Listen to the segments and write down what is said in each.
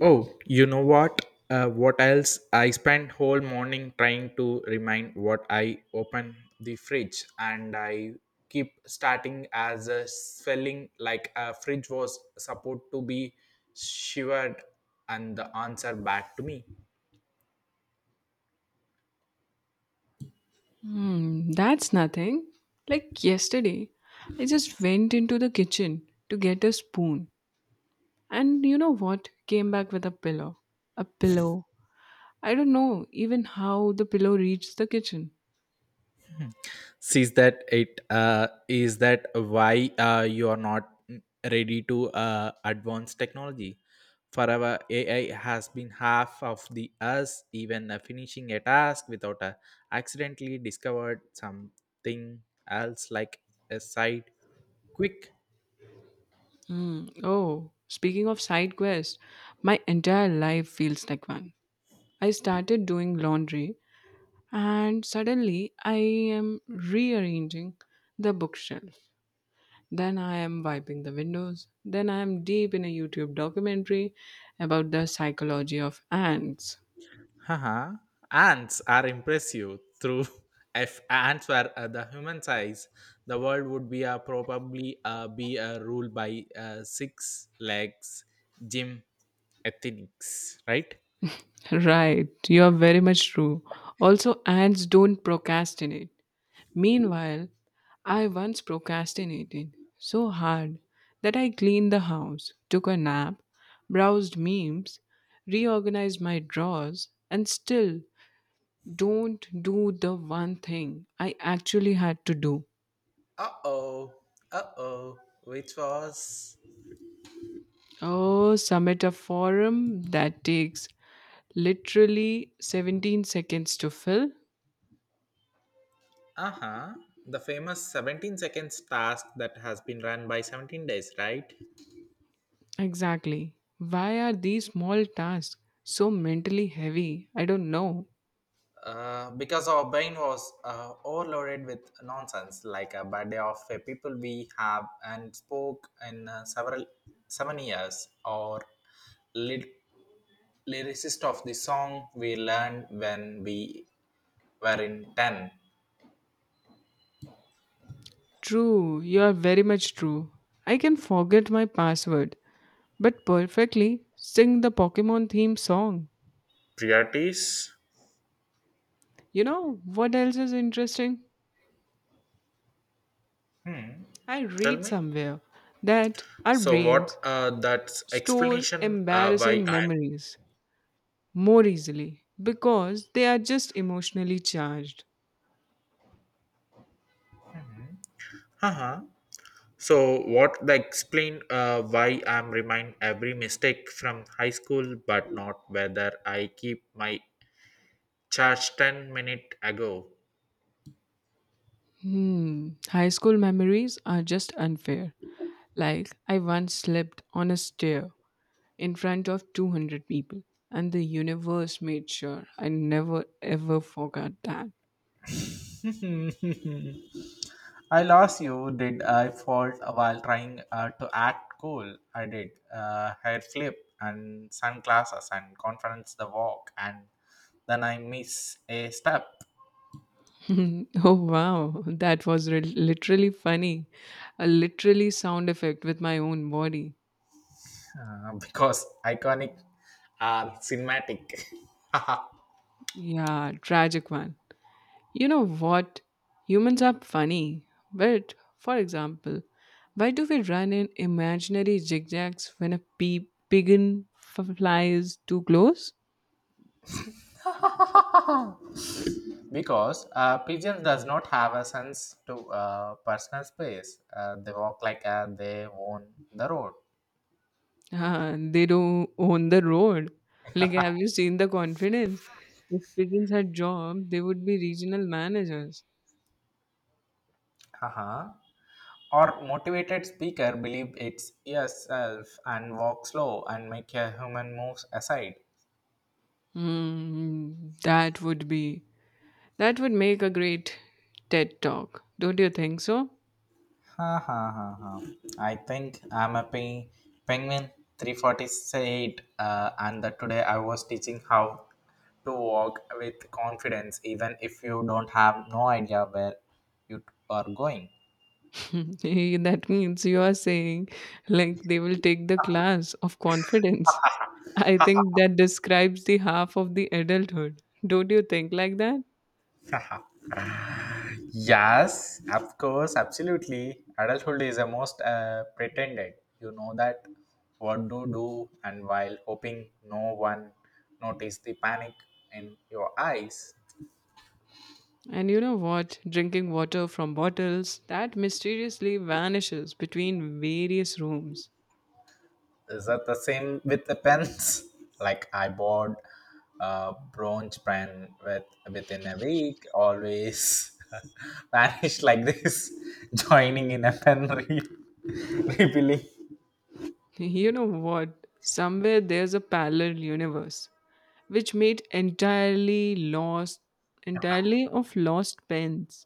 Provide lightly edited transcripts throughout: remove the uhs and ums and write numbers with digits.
Oh, you know what? What else? I spent whole morning trying to remind what I open the fridge, and I keep starting as a spelling like a fridge was supposed to be shivered, and the answer back to me. Hmm, that's nothing. Like yesterday, I just went into the kitchen to get a spoon, and you know what? Came back with a pillow. A pillow. I don't know even how the pillow reached the kitchen. Hmm. Sees that it is that why you are not ready to advance technology forever ai has been half of the us even finishing a task without a accidentally discovered something else like a side quick. Hmm. Oh, speaking of side quests, my entire life feels like one. I started doing laundry, and suddenly I am rearranging the bookshelf. Then I am wiping the windows. Then I am deep in a YouTube documentary about the psychology of ants. Haha, ants are impressive. Through if ants were the human size, the world would be probably be ruled by six legs gym ethics, right? Right, you are very much true. Also, ants don't procrastinate. Meanwhile, I once procrastinated so hard that I cleaned the house, took a nap, browsed memes, reorganized my drawers, and still don't do the one thing I actually had to do. Uh oh, uh oh, which was Oh, submit a forum that takes literally 17 seconds to fill. uh huh the famous 17 seconds task that has been run by 17 days, right? Exactly. Why are these small tasks so mentally heavy? I don't know. Because our brain was overloaded with nonsense, like a birthday of a people we have and spoke in several 7 years, or ly- lyricist of the song we learned when we were in ten. True, you are very much true. I can forget my password, but perfectly sing the Pokemon theme song. Priorities. You know what else is interesting? Hmm. I Tell read me. somewhere that our So brains what? That's store explanation. Why embarrassing I'm. memories more easily because they are just emotionally charged. Uh huh. So what they explain why I'm remind every mistake from high school, but not whether I keep my charge 10 minute ago. Hmm, high school memories are just unfair. Like, I once slept on a stair in front of 200 people, and the universe made sure I never ever forgot that. I lost you. Did I fault while trying to act cool? I did. Hair flip and sunglasses and conference the walk and then I miss a step. Oh wow, that was literally funny. A literally sound effect with my own body. Because iconic cinematic. Yeah, tragic one. You know what? Humans are funny. But, for example, why do we run in imaginary zigzags when a pea pigeon flies too close? Because pigeons does not have a sense to personal space they walk like they own the road. Ah, they don't own the road. Like, have you seen the confidence? If pigeons had job, they would be regional managers. Uh-huh. Or motivated speaker believe it's yourself and walk slow and make a human moves aside. Hmm, that would be. That would make a great TED talk. Don't you think so? Ha, ha, ha, ha. I think I'm a penguin 348 and that today I was teaching how to walk with confidence even if you don't have no idea where you are going. Hey, that means you are saying like they will take the class of confidence. I think that describes the half of the adulthood. Don't you think like that? Yes, of course, absolutely. Adulthood is a most pretended. You know that what to do, and while hoping no one notice the panic in your eyes. And you know what? Drinking water from bottles that mysteriously vanishes between various rooms. Is that the same with the pens? Like I bought a bronze pen with within a week, always vanished like this, joining in a pen refilling. You know what? Somewhere there's a parallel universe which made entirely lost, entirely of lost pens,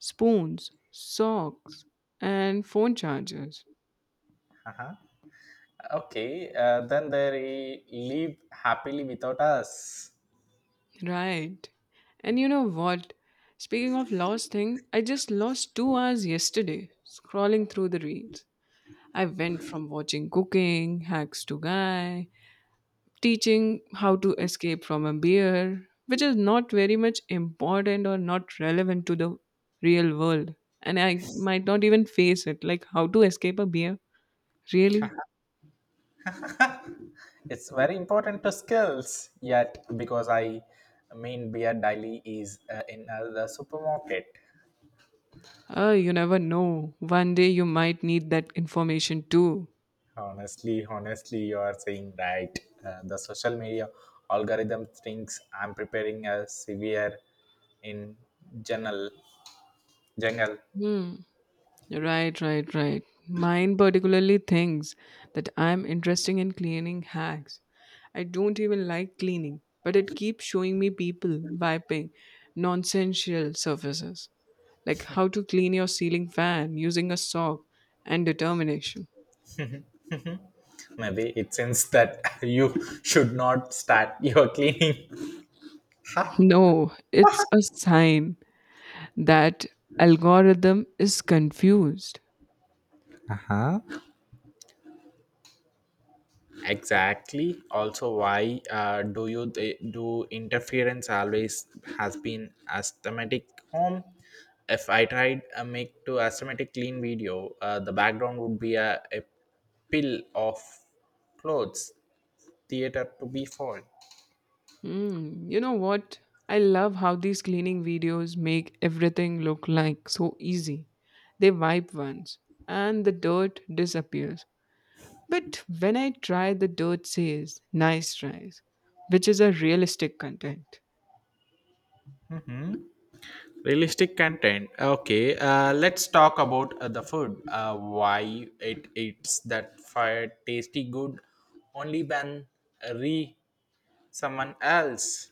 spoons, socks, and phone chargers. Uh-huh. Okay, then they live happily without us. Right. And you know what? Speaking of lost thing, I just lost 2 hours yesterday scrolling through the reels. I went from watching cooking, hacks to guy, teaching how to escape from a beer, which is not very much important or not relevant to the real world. And I might not even face it, like how to escape a beer. Really? It's very important to skills, yet, because I mean, beer daily is in the supermarket. You never know. One day you might need that information too. Honestly, honestly, you are saying right. The social media algorithm thinks I'm preparing a severe in general jungle. Hmm. Right, right, right. Mine particularly thinks that I'm interested in cleaning hacks. I don't even like cleaning, but it keeps showing me people wiping nonsensical surfaces, like how to clean your ceiling fan using a sock and determination. Maybe it seems that you should not start your cleaning. Huh? No, it's a sign that algorithm is confused. Uh huh. Exactly, also why do you do interference always has been asthmatic home if I tried make to asthmatic clean video the background would be a pill of clothes theater to be fall. Mm, you know what? I love how these cleaning videos make everything look like so easy. They wipe once and the dirt disappears. But when I try, the dirt says, nice tries, which is a realistic content. Hmm? Realistic content, okay, let's talk about the food why it's that fire tasty good only when re someone else.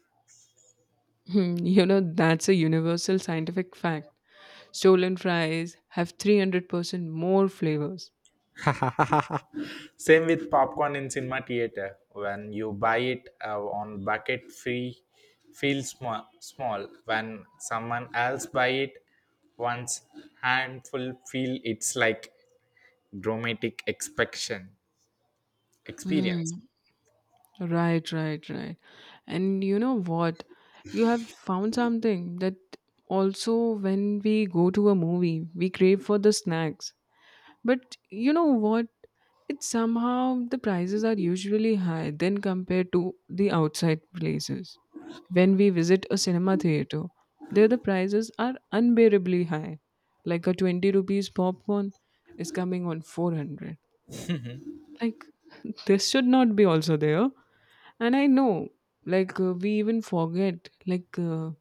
Hmm, you know, that's a universal scientific fact. Stolen fries have 300% more flavors. Same with popcorn in cinema theater. When you buy it on bucket free, feels small, small. When someone else buy it, one's handful feel it's like dramatic expectation experience. Hmm. Right, right, right. And you know what? You have found something that also when we go to a movie, we crave for the snacks. But you know what? It's somehow the prices are usually high than compared to the outside places. When we visit a cinema theater, there the prices are unbearably high. Like a 20 rupees popcorn is coming on 400. Like, this should not be also there. And I know, like, we even forget, like,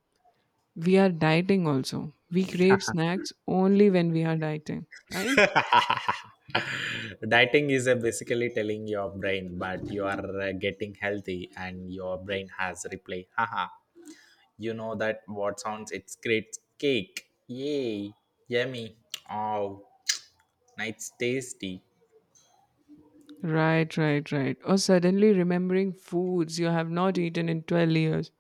we are dieting also. We crave snacks only when we are dieting, right? Dieting is basically telling your brain, but you are getting healthy, and your brain has reply. Haha. You know that what sounds? It's great cake. Yay! Yummy. Oh, nice tasty. Right, right, right. Or suddenly remembering foods you have not eaten in 12 years.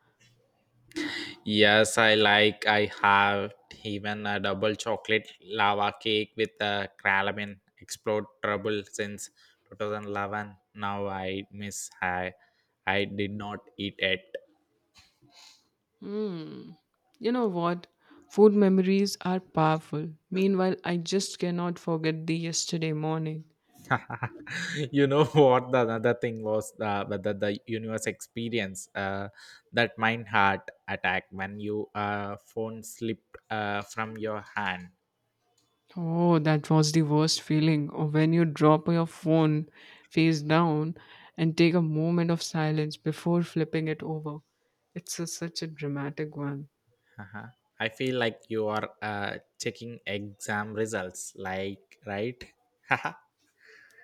Yes, I like. I have even a double chocolate lava cake with a caramel explode trouble since 2011. Now I miss. I did not eat it. Hmm. You know what? Food memories are powerful. Meanwhile, I just cannot forget the yesterday morning. You know what the another thing was whether the universe experience that mind heart attack when you phone slipped from your hand. Oh, that was the worst feeling of when you drop your phone face down and take a moment of silence before flipping it over. It's a such a dramatic one. Uh-huh. I feel like you are checking exam results like right.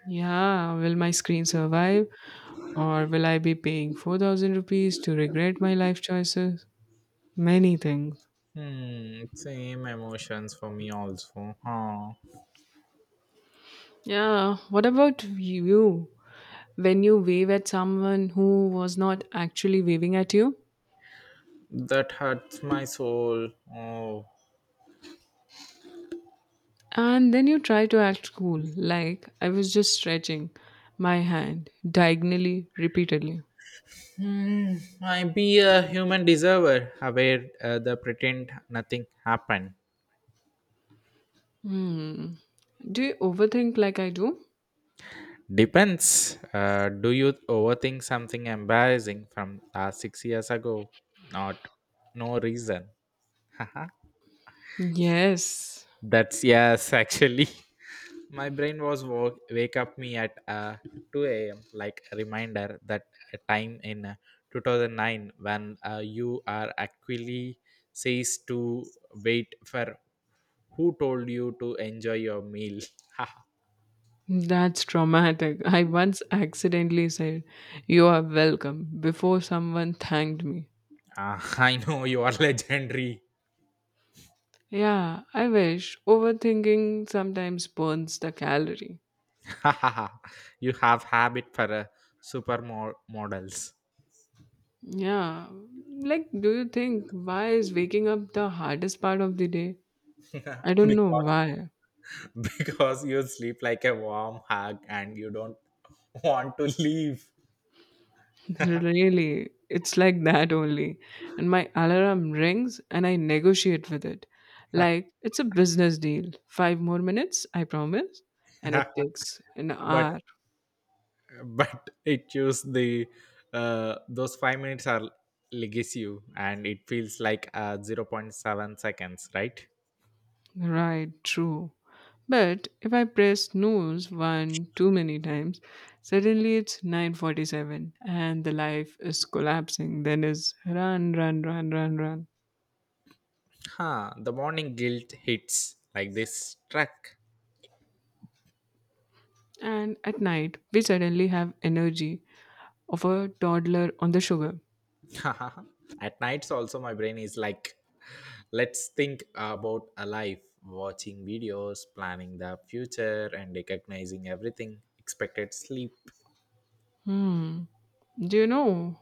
Yeah, will my screen survive? Or will I be paying 4000 rupees to regret my life choices? Many things. Hmm, same emotions for me also huh. Yeah, what about you? When you wave at someone who was not actually waving at you? That hurts my soul. Oh. And then you try to act cool, like I was just stretching my hand diagonally repeatedly. Hmm, I be a human deserver, aware the pretend nothing happened. Hmm. Do you overthink like I do? Depends. Do you overthink something embarrassing from last 6 years ago? Not, no reason. Yes. That's yes, actually. My brain was woke, wake up me at 2 a.m. like a reminder that a time in 2009 when you are actually says to wait for who told you to enjoy your meal. That's traumatic. I once accidentally said, you are welcome, before someone thanked me. Ah, I know you are legendary. Yeah, I wish. Overthinking sometimes burns the calorie. You have habit for super models. Yeah. Like, do you think why is waking up the hardest part of the day? I don't know because why. because you sleep like a warm hug and you don't want to leave. Really, it's like that only. And my alarm rings and I negotiate with it. Like, it's a business deal. Five more minutes, I promise. And it takes an but hour. but it chose the those 5 minutes are legacy and it feels like 0 point 0.7 seconds right. Right, true. But if I press snooze one too many times, suddenly it's 9:47 and the life is collapsing. Then is run, run, run, run, run. Huh, the morning guilt hits like this truck. And at night, we suddenly have energy of a toddler on the sugar. At nights also my brain is like let's think about a life watching videos planning the future and recognizing everything expected sleep. Hmm. Do you know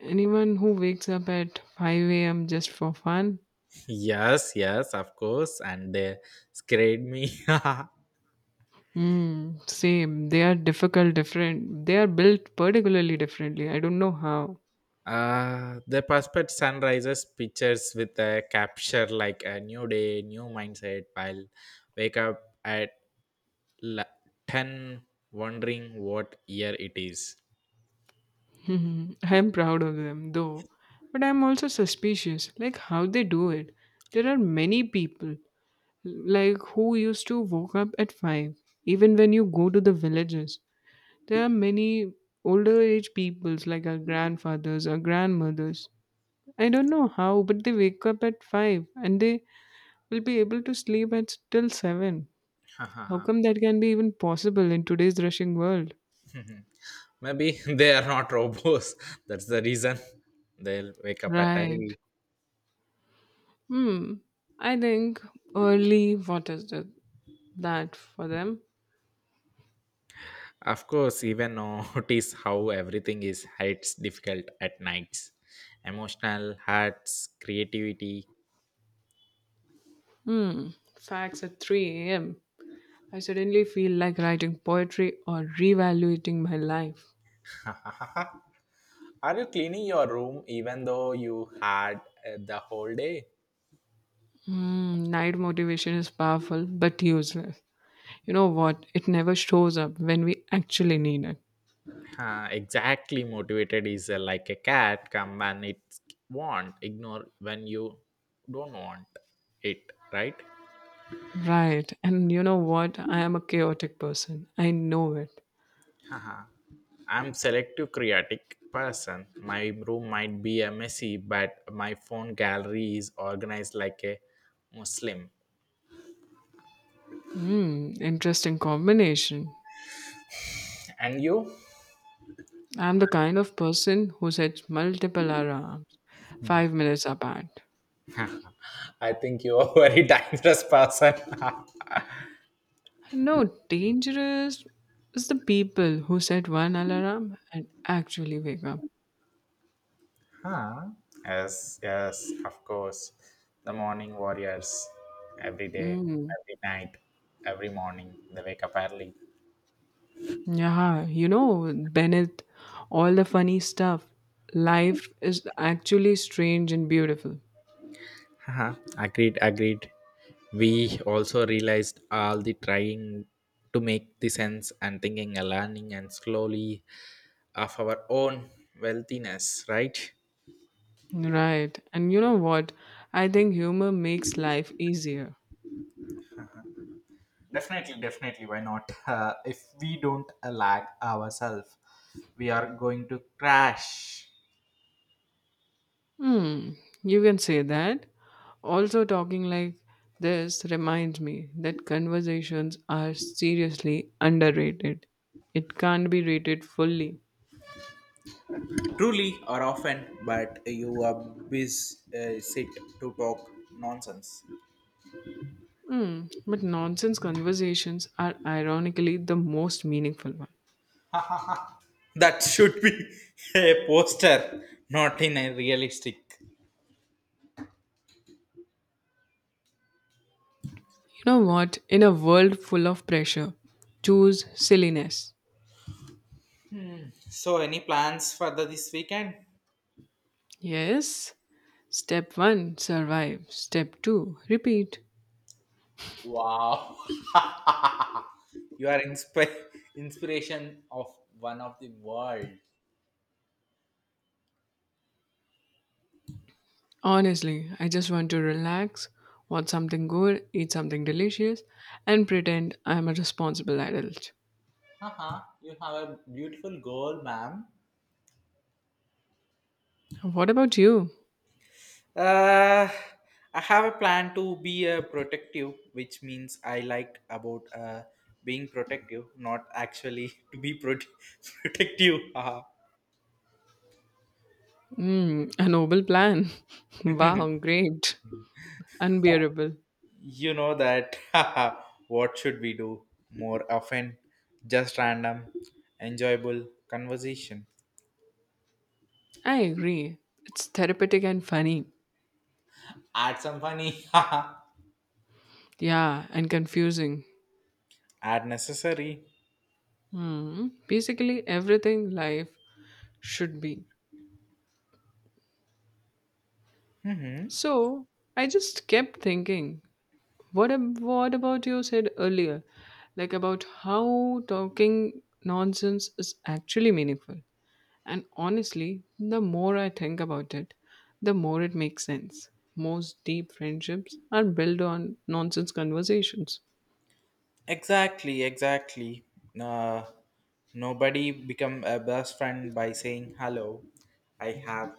anyone who wakes up at 5 a.m. just for fun? Yes, yes, of course, and they scared me. Hmm. Same. They are difficult, different. They are built particularly differently. I don't know how. The Perspet sunrises pictures with a capture like a new day, new mindset. I'll wake up at la- 10 wondering what year it is. Hmm. I am proud of them, though. But I'm also suspicious, like how they do it. There are many people, like who used to woke up at 5. Even when you go to the villages, there are many older age peoples, like our grandfathers, our grandmothers, I don't know how, but they wake up at 5 and they will be able to sleep at till 7. How come that can be even possible in today's rushing world? Maybe they are not robots. That's the reason they'll wake up at Right. early. Hmm. I think early, what is the, that for them? Of course, even notice how everything is heights difficult at nights. Emotional, hearts, creativity. Hmm. Facts at 3 a.m. I suddenly feel like writing poetry or reevaluating my life. Are you cleaning your room even though you had the whole day? Hmm. Night motivation is powerful but useless. You know what? It never shows up when we actually need it. Huh, exactly. Motivated is like a cat. Come when it want, ignore when you don't want it. Right? Right. And you know what? I am a chaotic person. I know it. Haha. I'm selective creative person. My room might be a messy, but my phone gallery is organized like a Muslim. Hmm, interesting combination. And you? I'm the kind of person who sets multiple alarms. 5 minutes apart. I think you are a very dangerous person. No, dangerous is the people who set one alarm and actually wake up. Huh? Yes, yes, of course. The morning warriors. Every day, Mm. every night, every morning, they wake up early. Yeah, you know, Bennett, all the funny stuff. Life is actually strange and beautiful. Haha, agreed, agreed. We also realized all the trying to make the sense and thinking and learning and slowly of our own wealthiness, right? Right. And you know what? I think humor makes life easier. Definitely, definitely. Why not? If we don't lag ourselves, we are going to crash. Hmm. You can say that. Also, talking like this reminds me that conversations are seriously underrated. It can't be rated fully. Truly or often, but you are busy sit to talk nonsense. Hmm. But nonsense conversations are ironically the most meaningful one. That should be a poster, not in a realistic. You know what? In a world full of pressure, choose silliness. So, any plans for the, this weekend? Yes. Step 1 survive. Step 2 repeat. Wow, you are inspiration of one of the world. Honestly, I just want to relax, watch something good, eat something delicious, and pretend I'm a responsible adult. Haha, you have a beautiful goal, ma'am. What about you? Uh, I have a plan to be a protective, which means I like about being protective, not actually to be protective. Haha. Mm, a noble plan. Wow, great. Unbearable. You know that. What should we do more often? Just random, enjoyable conversation. I agree. It's therapeutic and funny. Add some funny. Yeah, and confusing. Add necessary. Hmm. Basically, everything life should be. Hmm. So, I just kept thinking, what about you said earlier, like about how talking nonsense is actually meaningful? And honestly, the more I think about it, the more it makes sense. Most deep friendships are built on nonsense conversations. Exactly, exactly. Uh, Nobody become a best friend by saying hello. I have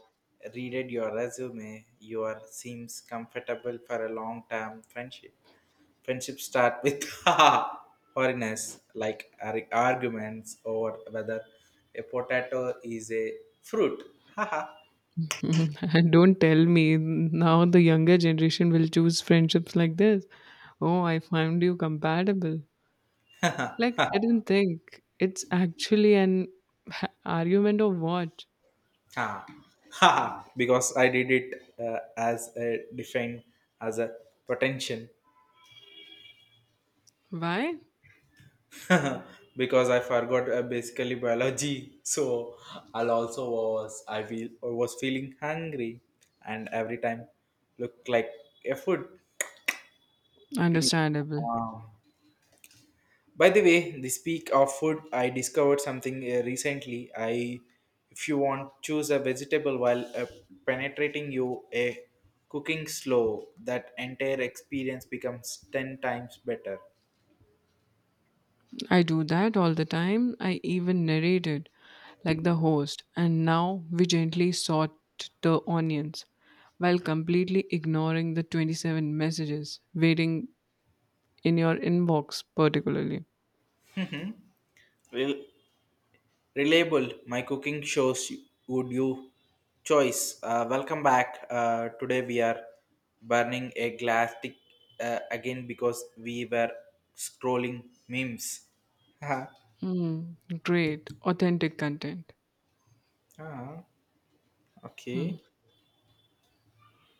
readed your resume. You are seems comfortable for a long term friendship. Friendship start with ha foreigners like arguments over whether a potato is a fruit. Ha ha And don't tell me now the younger generation will choose friendships like this. Oh, I found you compatible. Like, ha I don't think it's actually an argument of what? ha ha because I did it as a defined as a potential. Why? Because I forgot basically biology. So I'll also was I feel was feeling hungry, and every time look like a food. To eat. Understandable. Um, by the way, the speak of food, I discovered something recently. I if you want choose a vegetable while penetrating you a cooking slow that entire experience becomes 10 times better. I do that all the time. I even narrated like the host, and now we gently sort the onions while completely ignoring the 27 messages waiting in your inbox, particularly. Real reliable my cooking shows you- would you choice welcome back today we are burning a glass stick again because we were scrolling memes. Ah, Mm, great, authentic content. ah, okay.